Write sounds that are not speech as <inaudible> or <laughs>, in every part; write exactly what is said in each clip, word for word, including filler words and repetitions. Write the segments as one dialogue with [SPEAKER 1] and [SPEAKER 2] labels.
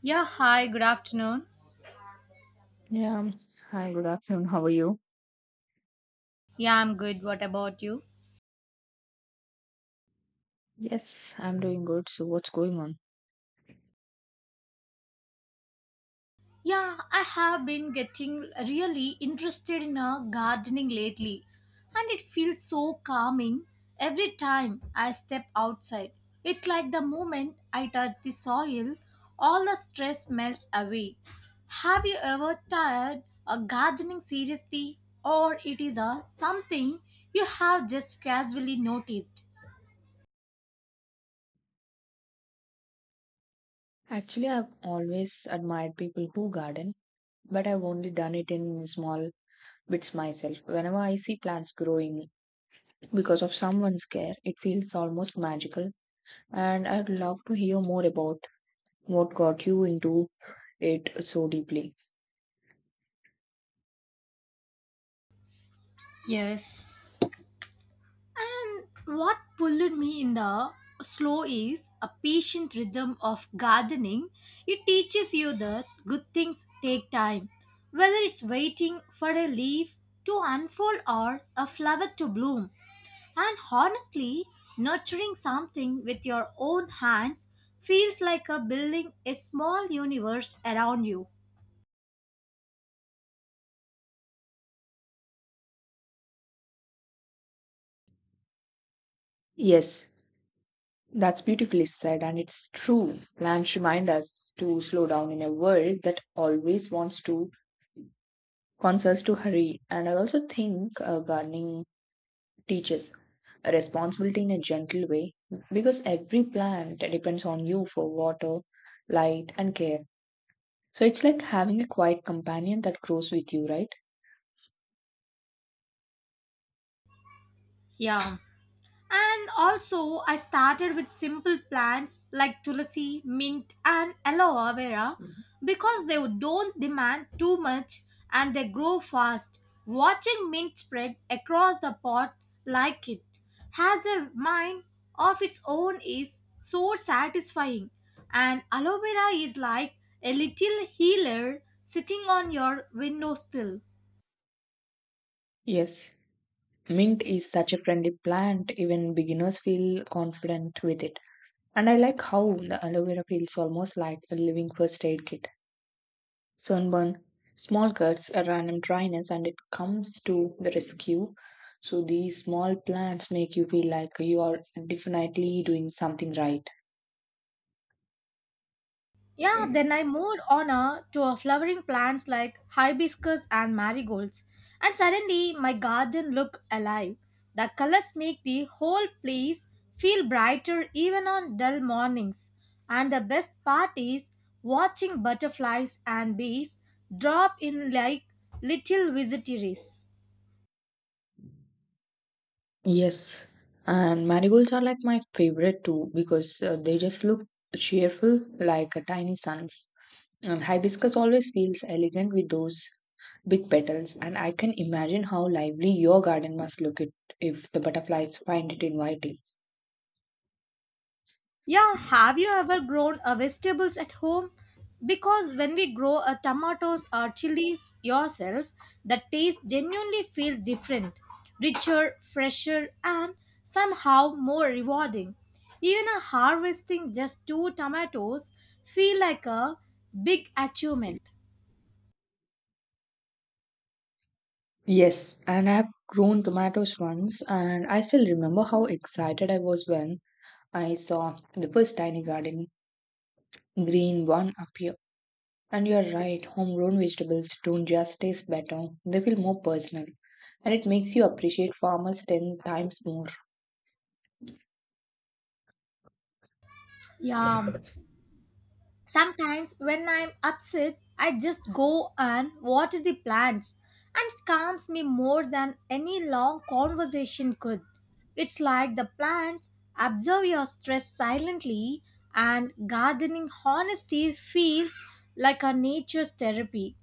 [SPEAKER 1] Yeah, hi, good afternoon.
[SPEAKER 2] Yeah. Hi, good afternoon. How are you?
[SPEAKER 1] Yeah, I'm good. What about you?
[SPEAKER 2] Yes, I'm doing good. So, what's going on?
[SPEAKER 1] Yeah, I have been getting really interested in uh, gardening lately, and it feels so calming every time I step outside. It's like the moment I touch the soil, all the stress melts away. Have you ever tried a gardening seriously, or it is a something you have just casually noticed?
[SPEAKER 2] Actually, I've always admired people who garden, but I've only done it in small bits myself. Whenever I see plants growing because of someone's care, it feels almost magical. And I'd love to hear more about what got you into it so deeply.
[SPEAKER 1] Yes. And what pulled me in the slow is a patient rhythm of gardening. It teaches you that good things take time, whether it's waiting for a leaf to unfold or a flower to bloom. And honestly, nurturing something with your own hands feels like a building a small universe around you.
[SPEAKER 2] Yes, that's beautifully said, and it's true. Plants remind us to slow down in a world that always wants to wants us to hurry. And I also think uh, gardening teaches responsibility in a gentle way because every plant depends on you for water, light, and care. So it's like having a quiet companion that grows with you, right?
[SPEAKER 1] Yeah. And also, I started with simple plants like tulsi, mint, and aloe vera
[SPEAKER 2] Mhm.
[SPEAKER 1] because they don't demand too much and they grow fast. Watching mint spread across the pot like it has a mind of its own is so satisfying. And aloe vera is like a little healer sitting on your windowsill.
[SPEAKER 2] Yes, mint is such a friendly plant, even beginners feel confident with it. And I like how the aloe vera feels almost like a living first aid kit. sunburn, small cuts, a random dryness, and it comes to the rescue. So these small plants make you feel like you are definitely doing something right.
[SPEAKER 1] Yeah, then I moved on uh, to uh, flowering plants like hibiscus and marigolds, and suddenly my garden looked alive. The colors make the whole place feel brighter even on dull mornings. And the best part is watching butterflies and bees drop in like little visitors.
[SPEAKER 2] Yes, and marigolds are like my favorite too because uh, they just look cheerful like a tiny suns. And hibiscus always feels elegant with those big petals, and I can imagine how lively your garden must look it if the butterflies find it inviting.
[SPEAKER 1] Yeah, have you ever grown uh, vegetables at home? Because when we grow uh, tomatoes or chilies yourself, the taste genuinely feels different, richer, fresher, and somehow more rewarding. Even a harvesting just two tomatoes feel like a big achievement.
[SPEAKER 2] Yes, and I have grown tomatoes once, and I still remember how excited I was when I saw the first tiny garden green one appear. And you're right, homegrown vegetables don't just taste better, they feel more personal, and it makes you appreciate farmers ten times more.
[SPEAKER 1] Yeah, sometimes when I'm upset, I just go and water the plants, and it calms me more than any long conversation could. It's like the plants absorb your stress silently, and gardening honesty feels like a nature's therapy.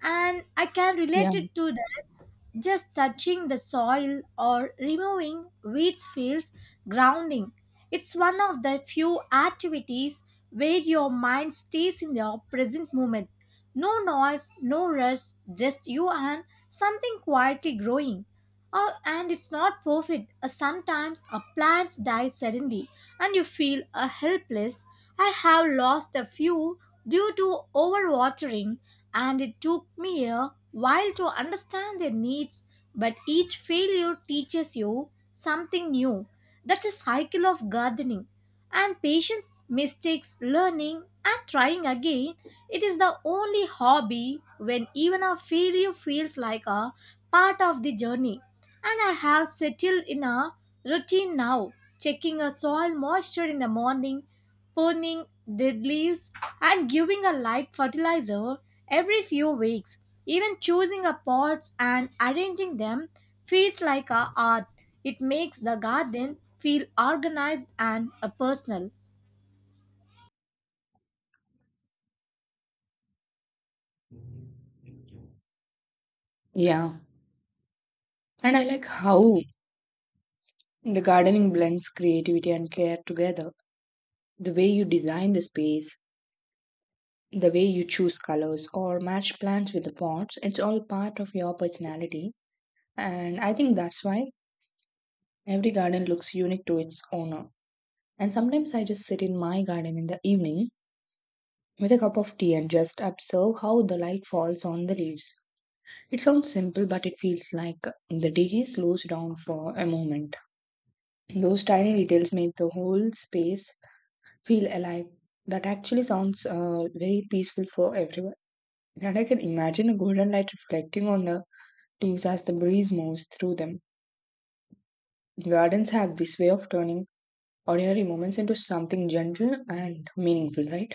[SPEAKER 1] And I can relate
[SPEAKER 2] Yeah.
[SPEAKER 1] it to that just touching the soil or removing weeds feels grounding. It's one of the few activities where your mind stays in the present moment. No noise, no rush, just you and something quietly growing. Oh, and it's not perfect. Uh, Sometimes a plant dies suddenly and you feel uh, helpless. I have lost a few due to overwatering, and it took me a while to understand their needs, but each failure teaches you something new. That's a cycle of gardening and patience, mistakes, learning, and trying again. It is the only hobby when even a failure feels like a part of the journey. And I have settled in a routine now, checking a soil moisture in the morning, pruning dead leaves, and giving a light fertilizer every few weeks. Even choosing a pots and arranging them feels like a art. It makes the garden feel organized and a personal.
[SPEAKER 2] Yeah. And I like how the gardening blends creativity and care together. The way you design the space, the way you choose colors or match plants with the pots, it's all part of your personality And I think that's why every garden looks unique to its owner. And sometimes I just sit in my garden in the evening with a cup of tea and just observe how the light falls on the leaves. It sounds simple, but it feels like the day slows down for a moment. Those tiny details make the whole space feel alive. That actually sounds uh, very peaceful for everyone. And I can imagine the golden light reflecting on the leaves as the breeze moves through them. Gardens have this way of turning ordinary moments into something gentle and meaningful, right?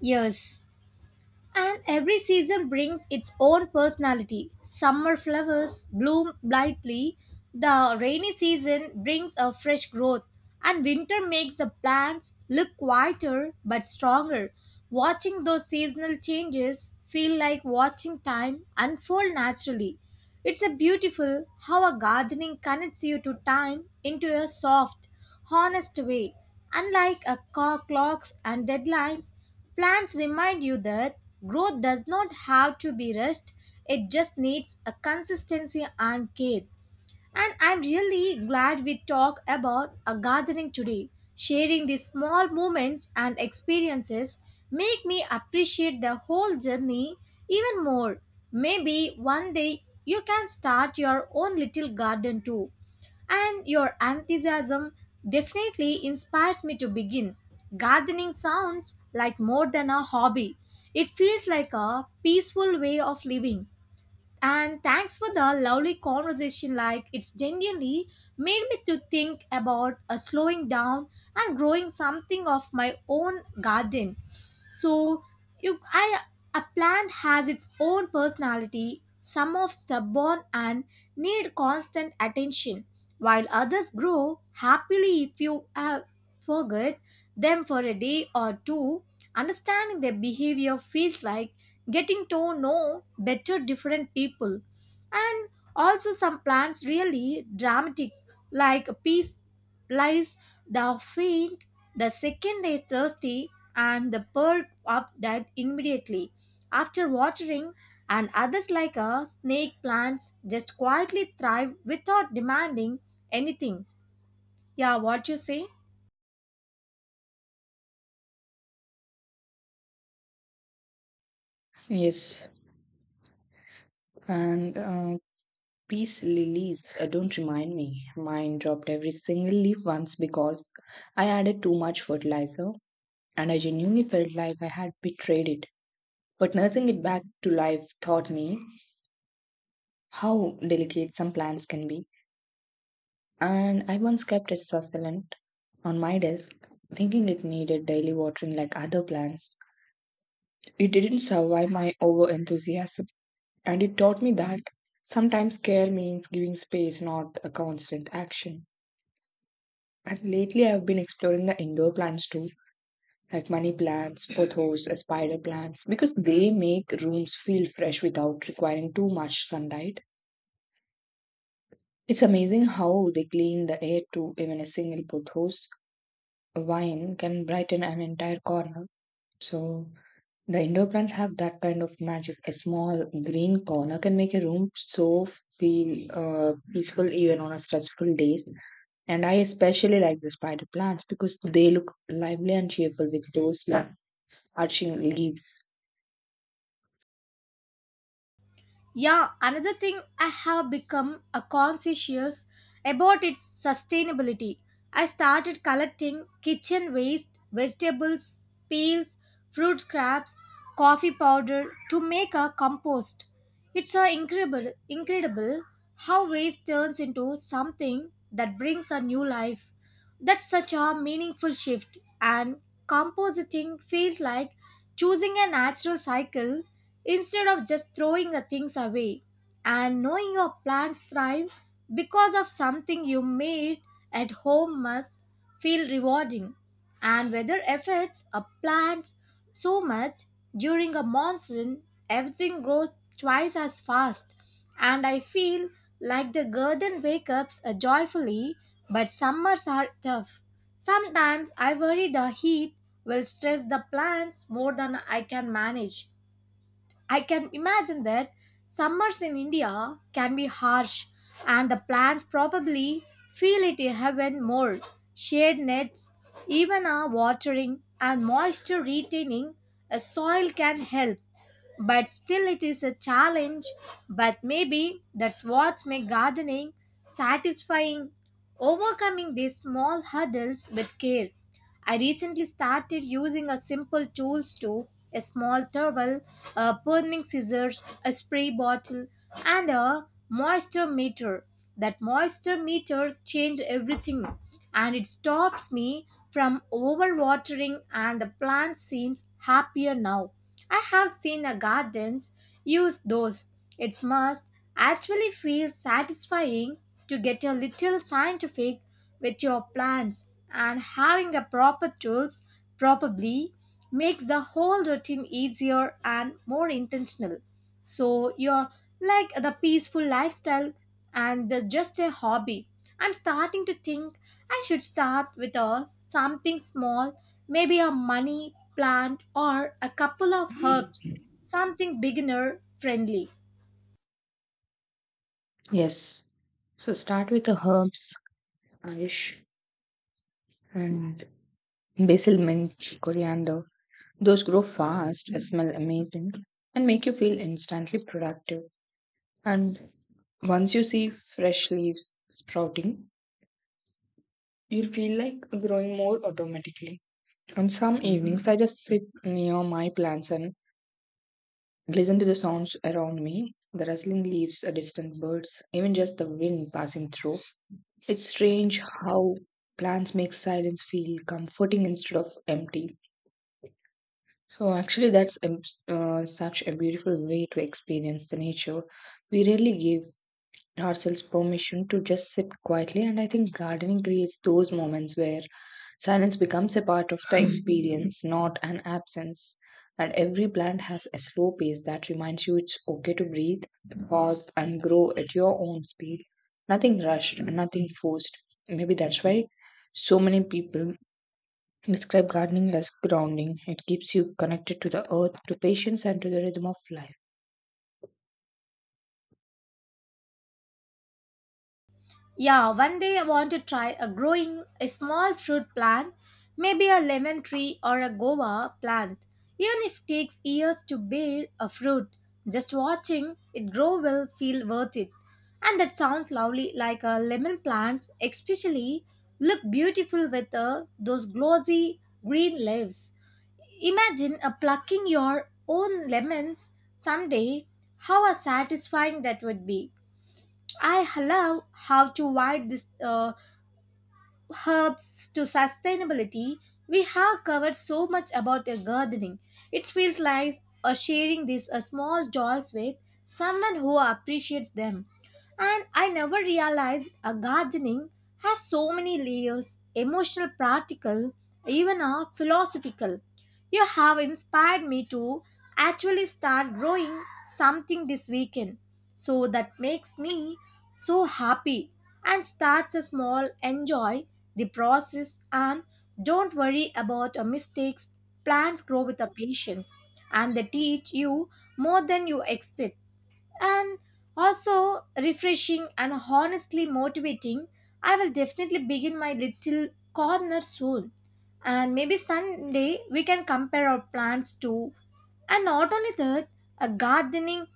[SPEAKER 1] Yes. And every season brings its own personality. Summer flowers bloom brightly, the rainy season brings a fresh growth, and winter makes the plants look quieter but stronger. Watching those seasonal changes feel like watching time unfold naturally. It's a beautiful how a gardening connects you to time into a soft, honest way. Unlike a co- clocks and deadlines, plants remind you that growth does not have to be rushed. It just needs a consistency and care. And I'm really glad we talked about a gardening today. Sharing these small moments and experiences make me appreciate the whole journey even more. Maybe one day you can start your own little garden too. And your enthusiasm definitely inspires me to begin. Gardening sounds like more than a hobby. It feels like a peaceful way of living and thanks for the lovely conversation. Like it's genuinely made me to think about uh, slowing down and growing something of my own garden. So you, I, a plant has its own personality. Some of stubborn and need constant attention, while others grow happily if you uh, forget them for a day or two. Understanding their behavior feels like getting to know better different people. And also some plants really dramatic like a peace lies the faint the second they thirsty and the perk up dead immediately after watering and others like a snake plants just quietly thrive without demanding anything. Yeah, what you say?
[SPEAKER 2] Yes, and uh, peace lilies, uh, don't remind me. Mine dropped every single leaf once because I added too much fertilizer and I genuinely felt like I had betrayed it. But nursing it back to life taught me how delicate some plants can be. And I once kept a succulent on my desk, thinking it needed daily watering like other plants. It didn't survive my over enthusiasm And it taught me that sometimes care means giving space, not a constant action. And lately, I've been exploring the indoor plants too, like money plants, pothos, uh, spider plants, because they make rooms feel fresh without requiring too much sunlight. It's amazing how they clean the air too, even a single pothos vine can brighten an entire corner. So, The indoor plants have that kind of magic. A small green corner can make a room so f- feel uh, peaceful even on a stressful days. And I especially like the spider plants because they look lively and cheerful with those like, arching leaves.
[SPEAKER 1] Yeah, another thing I have become a conscious about its sustainability. I started collecting kitchen waste, vegetables, peels, fruit scraps, coffee powder to make a compost. It's a incredible incredible how waste turns into something that brings a new life. That's such a meaningful shift and compositing feels like choosing a natural cycle instead of just throwing a things away and knowing your plants thrive because of something you made at home must feel rewarding. And weather affects a plant so much. During a monsoon everything grows twice as fast and I feel like the garden wakes up uh, joyfully, but summers are tough. Sometimes I worry the heat will stress the plants more than I can manage. I can imagine that summers in India can be harsh and the plants probably feel it even more. Shade nets, even a watering and moisture retaining a soil can help. But still it is a challenge. But maybe that's what makes gardening satisfying, overcoming these small hurdles with care. I recently started using a simple tools too, a small towel, a burning scissors, a spray bottle, and a moisture meter. That moisture meter changed everything and it stops me from overwatering and the plant seems happier now. I have seen a gardens use those. It must actually feel satisfying to get a little scientific with your plans and having a proper tools probably makes the whole routine easier and more intentional. So you're like the peaceful lifestyle and the just a hobby. I'm starting to think I should start with a something small, maybe a money plant or a couple of herbs, something beginner friendly.
[SPEAKER 2] Yes. So start with the herbs, Ayush, and basil, mint, coriander. Those grow fast, smell amazing, and make you feel instantly productive. And once you see fresh leaves sprouting, You feel like growing more automatically. On some evenings, I just sit near my plants and listen to the sounds around me the rustling leaves, the distant birds, even just the wind passing through. It's strange how plants make silence feel comforting instead of empty. So, actually, that's um, uh, such a beautiful way to experience the nature we rarely give ourselves permission to just sit quietly. And I think gardening creates those moments where silence becomes a part of the experience, <laughs> not an absence. And every plant has a slow pace that reminds you it's okay to breathe, pause, and grow at your own speed. Nothing rushed, nothing forced. Maybe that's why so many people describe gardening as grounding. It keeps you connected to the earth, to patience, and to the rhythm of life.
[SPEAKER 1] Yeah, one day I want to try a growing a small fruit plant, maybe a lemon tree or a guava plant. Even if it takes years to bear a fruit, just watching it grow will feel worth it. And that sounds lovely like a lemon plants especially look beautiful with uh, those glossy green leaves. Imagine uh, plucking your own lemons someday. How uh, satisfying that would be. I love how to wide this uh, herbs to sustainability. We have covered so much about uh, gardening. It feels like uh, sharing these uh, small joys with someone who appreciates them. And I never realized a gardening has so many layers emotional, practical, even a philosophical. You have inspired me to actually start growing something this weekend. So that makes me so happy and starts a small enjoy the process and don't worry about your mistakes. Plants grow with a patience and they teach you more than you expect and also refreshing and honestly motivating. I will definitely begin my little corner soon. And maybe Sunday we can compare our plans too. And not only that, a gardening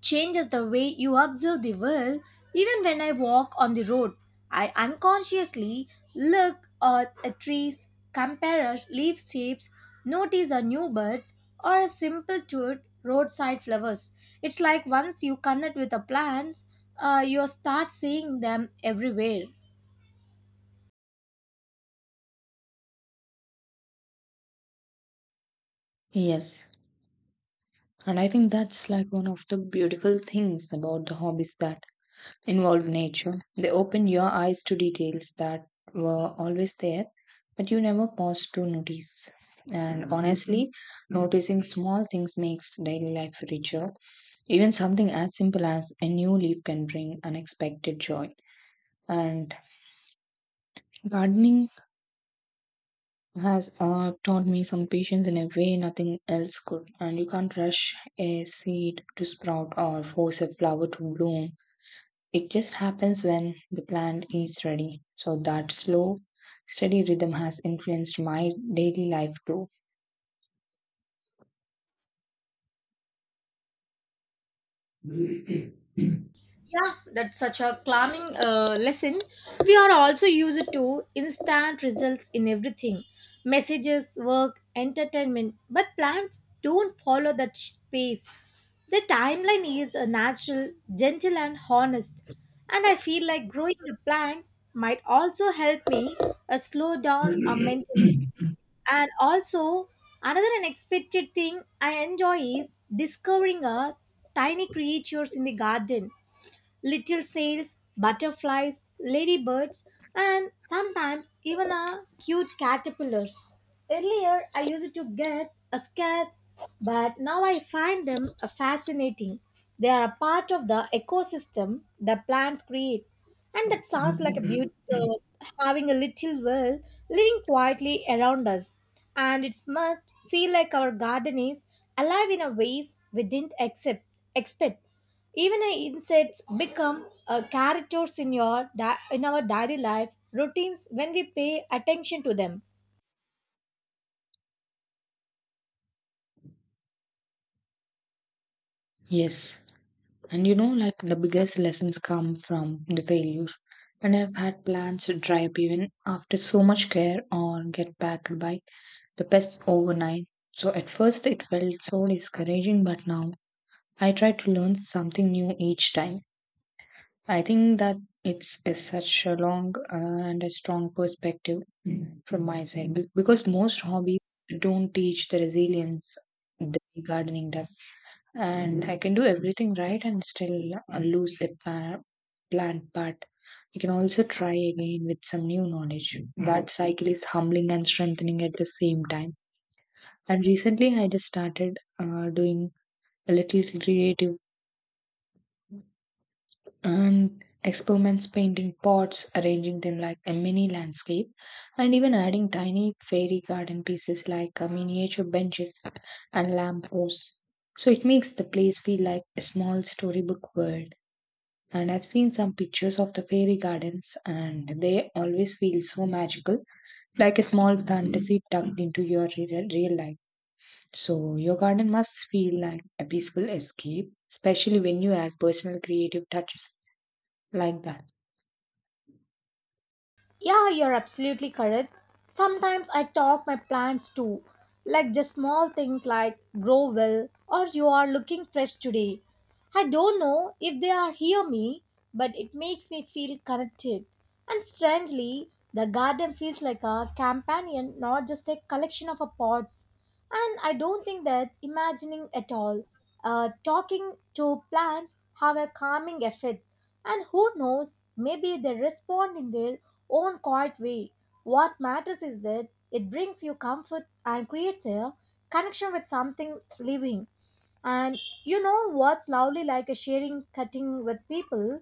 [SPEAKER 1] changes the way you observe the world. Even when I walk on the road, I unconsciously look at the trees, compare leaf shapes, notice a new birds, or a simple to roadside flowers. It's like once you connect with the plants, uh, you start seeing them everywhere.
[SPEAKER 2] Yes. And I think that's like one of the beautiful things about the hobbies that involve nature. They open your eyes to details that were always there, but you never paused to notice. And honestly, noticing small things makes daily life richer. Even something as simple as a new leaf can bring unexpected joy. And gardening has uh, taught me some patience in a way nothing else could. And you can't rush a seed to sprout or force a flower to bloom. It just happens when the plant is ready. So that slow, steady rhythm has influenced my daily life too.
[SPEAKER 1] Yeah, that's such a calming uh, lesson. We are also used to instant results in everything messages, work, entertainment. But plants don't follow that sh- pace. The timeline is a natural, gentle, and honest. And I feel like growing the plants might also help me uh, slow down uh, mentally. And also, another unexpected thing I enjoy is discovering a tiny creatures in the garden little sails, butterflies, ladybirds, and sometimes even a cute caterpillars. Earlier, I used to get a scared, but now I find them uh, fascinating. They are a part of the ecosystem the plants create. And that sounds like a beauty of having a little world living quietly around us. And it must feel like our garden is alive in a ways we didn't accept, expect. Even uh, insects become uh, characters in your di- in our daily life routines when we pay attention to them.
[SPEAKER 2] Yes. And you know, like the biggest lessons come from the failure. And I've had plants to dry up even after so much care or get packed by the pests overnight. So at first it felt so discouraging, but now I try to learn something new each time. I think that it's is such a long uh, and a strong perspective mm, from my side be- because most hobbies don't teach the resilience the gardening does, and I can do everything right and still uh, lose a pa- plant, but I can also try again with some new knowledge. That cycle is humbling and strengthening at the same time. And recently, I just started uh, doing a little creative and experiments painting pots, arranging them like a mini landscape, and even adding tiny fairy garden pieces like uh, miniature benches and lamp posts. So it makes the place feel like a small storybook world. And I've seen some pictures of the fairy gardens, and they always feel so magical, like a small fantasy tucked into your real, real life. So, your garden must feel like a peaceful escape, especially when you add personal creative touches like that.
[SPEAKER 1] Yeah, you're absolutely correct. Sometimes I talk my plants too, like just small things like grow well or you are looking fresh today. I don't know if they are hear me, but it makes me feel connected. And strangely, the garden feels like a companion, not just a collection of a pots. And I don't think that imagining at all, uh, talking to plants have a calming effect. And who knows, maybe they respond in their own quiet way. What matters is that it brings you comfort and creates a connection with something living. And you know what's lovely like a sharing cutting with people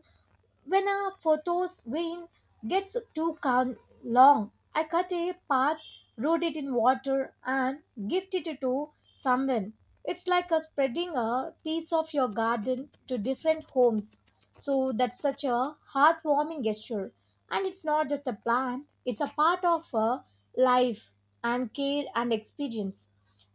[SPEAKER 1] when a photo's vein gets too con- long, I cut a part, root it in water, and gift it to someone. It's like a spreading a piece of your garden to different homes. So that's such a heartwarming gesture. And it's not just a plant, it's a part of a life and care and experience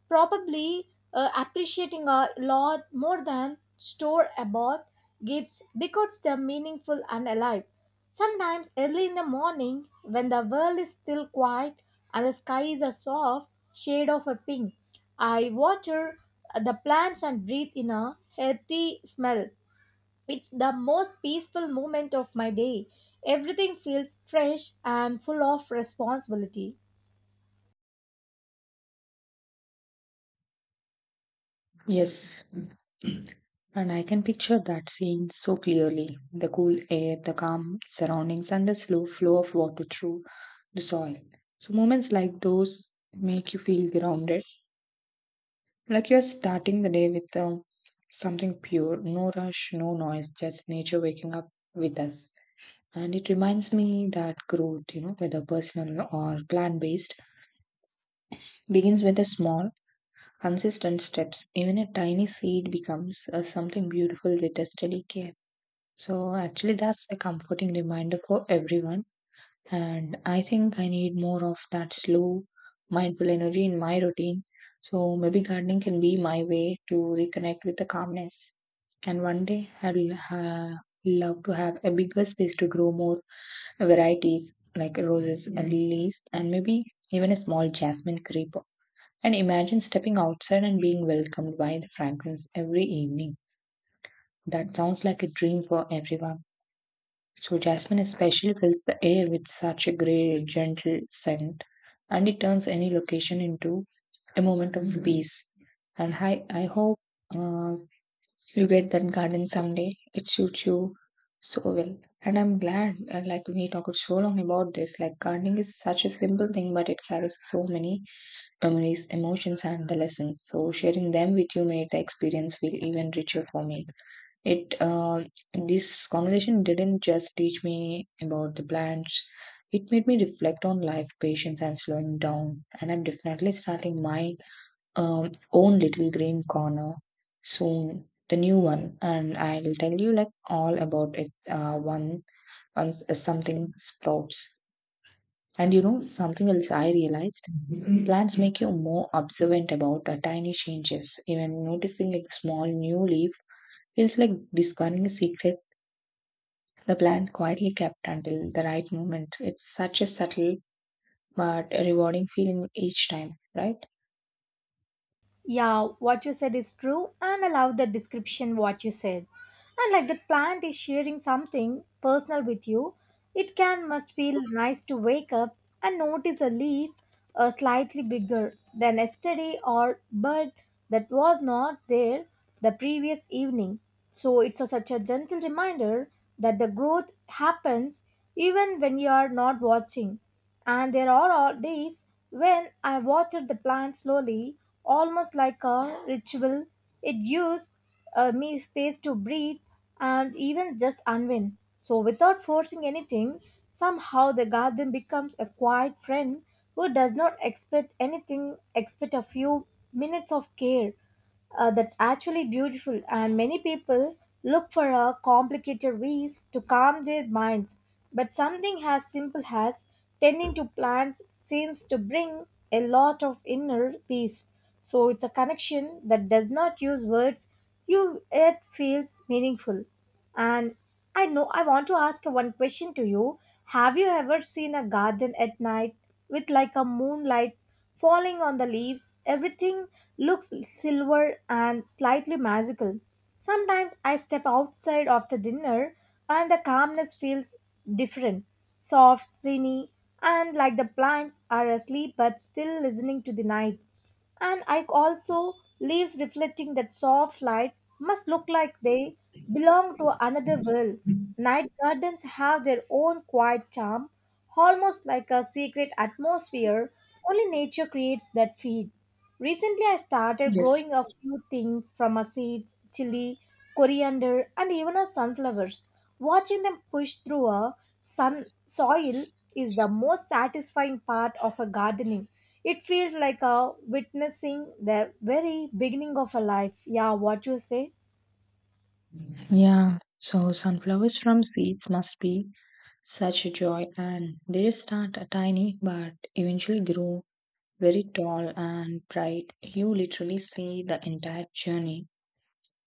[SPEAKER 1] probably uh, appreciating a lot more than store about gifts because they're meaningful and alive. Sometimes early in the morning, when the world is still quiet and the sky is a soft shade of a pink, I water the plants and breathe in a healthy smell. It's the most peaceful moment of my day. Everything feels fresh and full of responsibility.
[SPEAKER 2] Yes, and I can picture that scene so clearly the cool air, the calm surroundings, and the slow flow of water through the soil. So, moments like those make you feel grounded, like you're starting the day with uh, something pure, no rush, no noise, just nature waking up with us. And it reminds me that growth, you know, whether personal or plant based, begins with a small, consistent steps. Even a tiny seed becomes uh, something beautiful with a steady care. So, actually, that's a comforting reminder for everyone. And I think I need more of that slow, mindful energy in my routine. So, maybe gardening can be my way to reconnect with the calmness. And one day, I'll uh, love to have a bigger space to grow more varieties like roses, uh, lilies, and maybe even a small jasmine creeper. And imagine stepping outside and being welcomed by the fragrance every evening. That sounds like a dream for everyone. So, jasmine especially fills the air with such a great, gentle scent, and it turns any location into a moment of peace. And I, I hope uh, you get that garden someday. It suits you so well. And I'm glad, uh, like, we talked so long about this. Like, gardening is such a simple thing, but it carries so many memories, emotions, and the lessons. So sharing them with you made the experience feel even richer for me. It uh, This conversation didn't just teach me about the plants. It made me reflect on life, patience, and slowing down. And I'm definitely starting my um, own little green corner soon, the new one. And I'll tell you like all about it uh, one once something sprouts. And you know, something else I realized plants make you more observant about uh, tiny changes. Even noticing a small new leaf feels like discovering a secret the plant quietly kept until the right moment. It's such a subtle but rewarding feeling each time, right?
[SPEAKER 1] Yeah, what you said is true, and I love the description what you said. And like the plant is sharing something personal with you, it can must feel nice to wake up and notice a leaf uh, slightly bigger than yesterday or bud that was not there the previous evening. So it's a, such a gentle reminder that the growth happens even when you are not watching. And there are all days when I water the plant slowly, almost like a ritual. It gives uh, me space to breathe and even just unwind. So, without forcing anything, somehow the garden becomes a quiet friend who does not expect anything except a few minutes of care. Uh, that's actually beautiful, and many people look for a complicated ways to calm their minds. But something as simple as tending to plants seems to bring a lot of inner peace. So it's a connection that does not use words, you it feels meaningful. And I know I want to ask one question to you. Have you ever seen a garden at night with like a moonlight falling on the leaves? Everything looks silver and slightly magical. Sometimes I step outside after dinner and the calmness feels different. Soft, serene, and like the plants are asleep but still listening to the night and I also leaves reflecting that soft light must look like they belong to another world. Night gardens have their own quiet charm, almost like a secret atmosphere. Only nature creates that feel. Recently, I started growing
[SPEAKER 2] Yes.
[SPEAKER 1] a few things from our seeds, chili, coriander, and even our sunflowers. Watching them push through a sun soil is the most satisfying part of a gardening. It feels like a witnessing the very beginning of a life. Yeah, what you say?
[SPEAKER 2] Yeah, so sunflowers from seeds must be such a joy, and they start tiny but eventually grow very tall and bright. You literally see the entire journey.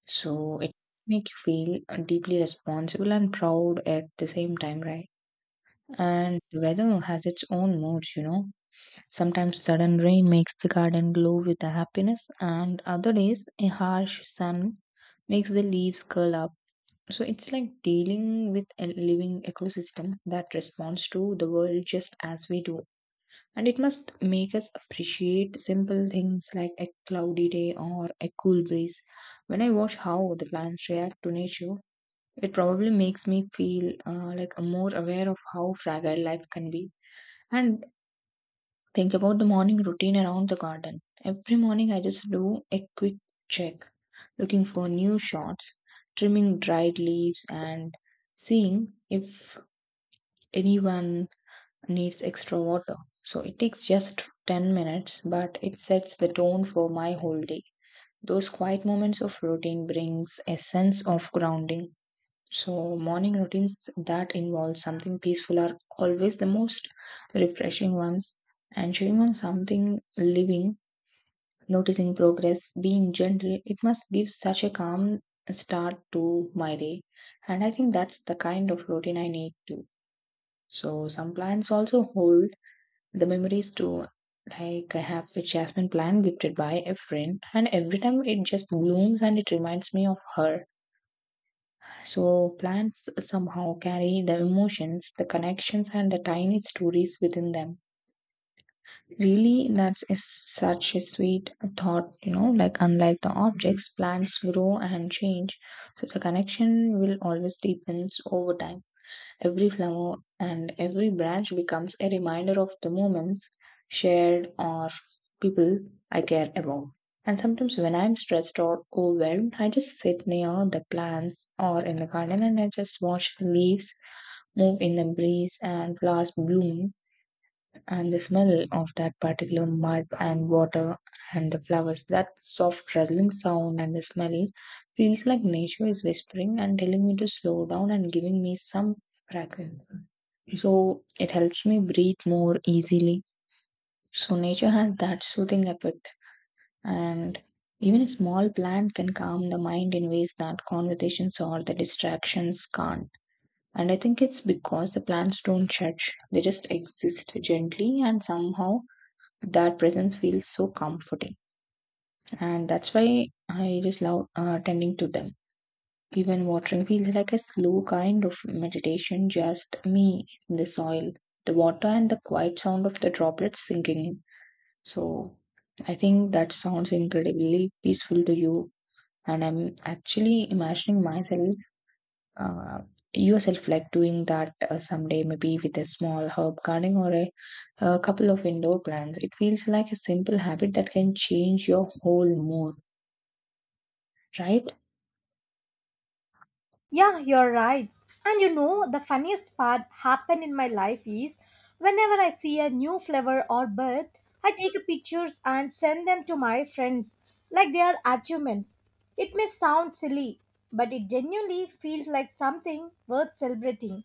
[SPEAKER 2] So it makes you feel deeply responsible and proud at the same time, right? And the weather has its own moods, you know. Sometimes sudden rain makes the garden glow with the happiness, and other days a harsh sun makes the leaves curl up. So it's like dealing with a living ecosystem that responds to the world just as we do and it must make us appreciate simple things like a cloudy day or a cool breeze. When I watch how the plants react to nature, it probably makes me feel uh, like more aware of how fragile life can be. And think about the morning routine around the garden. Every morning, I just do a quick check, looking for new shots, trimming dried leaves, and seeing if anyone needs extra water. So it takes just ten minutes, but it sets the tone for my whole day. Those quiet moments of routine brings a sense of grounding. So morning routines that involve something peaceful are always the most refreshing ones. And chewing on something living, noticing progress, being gentle, it must give such a calm start to my day. And I think that's the kind of routine I need too. So some plants also hold the memories too, like I have a jasmine plant gifted by a friend, and every time it just blooms and it reminds me of her. So, plants somehow carry the emotions, the connections, and the tiny stories within them. Really, that is such a sweet thought, you know, like unlike the objects, plants grow and change, so the connection will always deepens over time. Every flower and every branch becomes a reminder of the moments shared or people I care about. And sometimes when I'm stressed or overwhelmed, I just sit near the plants or in the garden, and I just watch the leaves move in the breeze and flowers bloom and the smell of that particular mud and water and the flowers that soft rustling sound and the smell feels like nature is whispering and telling me to slow down and giving me some fragrance, so it helps me breathe more easily. So nature has that soothing effect, and even a small plant can calm the mind in ways that conversations or the distractions can't. And i think it's because the plants don't judge, they just exist gently, and somehow that presence feels so comforting. And that's why i just love uh, tending to them. Even watering feels like a slow kind of meditation, just me, the soil, the water, and the quiet sound of the droplets sinking in. So i think that sounds incredibly peaceful to you, and i'm actually imagining myself uh, yourself like doing that uh, someday, maybe with a small herb garden or a, a couple of indoor plants. It feels like a simple habit that can change your whole mood, right?
[SPEAKER 1] Yeah, you're right. And you know, the funniest part happened in my life is whenever I see a new flower or bird, I take a pictures and send them to my friends like they are achievements. It may sound silly, but it genuinely feels like something worth celebrating.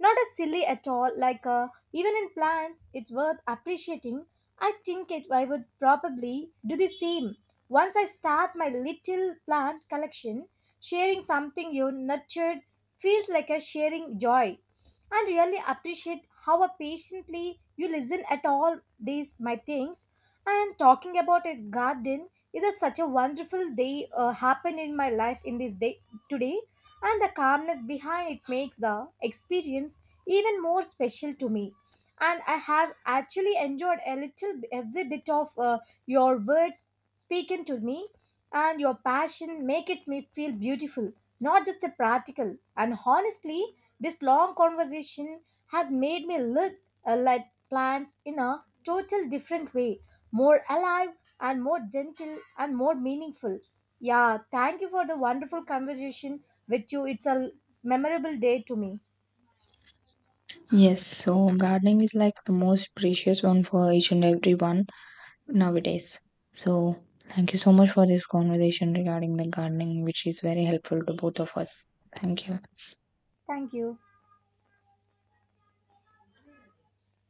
[SPEAKER 1] Not as silly at all, like uh, even in plants, it's worth appreciating. I think it, I would probably do the same once I start my little plant collection. Sharing something you nurtured feels like a sharing joy. And really appreciate how patiently you listen at all these my things. And talking about a garden is a, such a wonderful day uh, happened in my life in this day today. And the calmness behind it makes the experience even more special to me. And I have actually enjoyed a little every bit of uh, your words spoken to me and your passion make it me feel beautiful, not just a practical. And honestly, this long conversation has made me look uh, like plants in a total different way, more alive and more gentle and more meaningful. Yeah, thank you for the wonderful conversation with you. It's a memorable day to me.
[SPEAKER 2] Yes. So gardening is like the most precious one for each and every one nowadays. So thank you so much for this conversation regarding the gardening, which is very helpful to both of us. Thank you.
[SPEAKER 1] Thank you.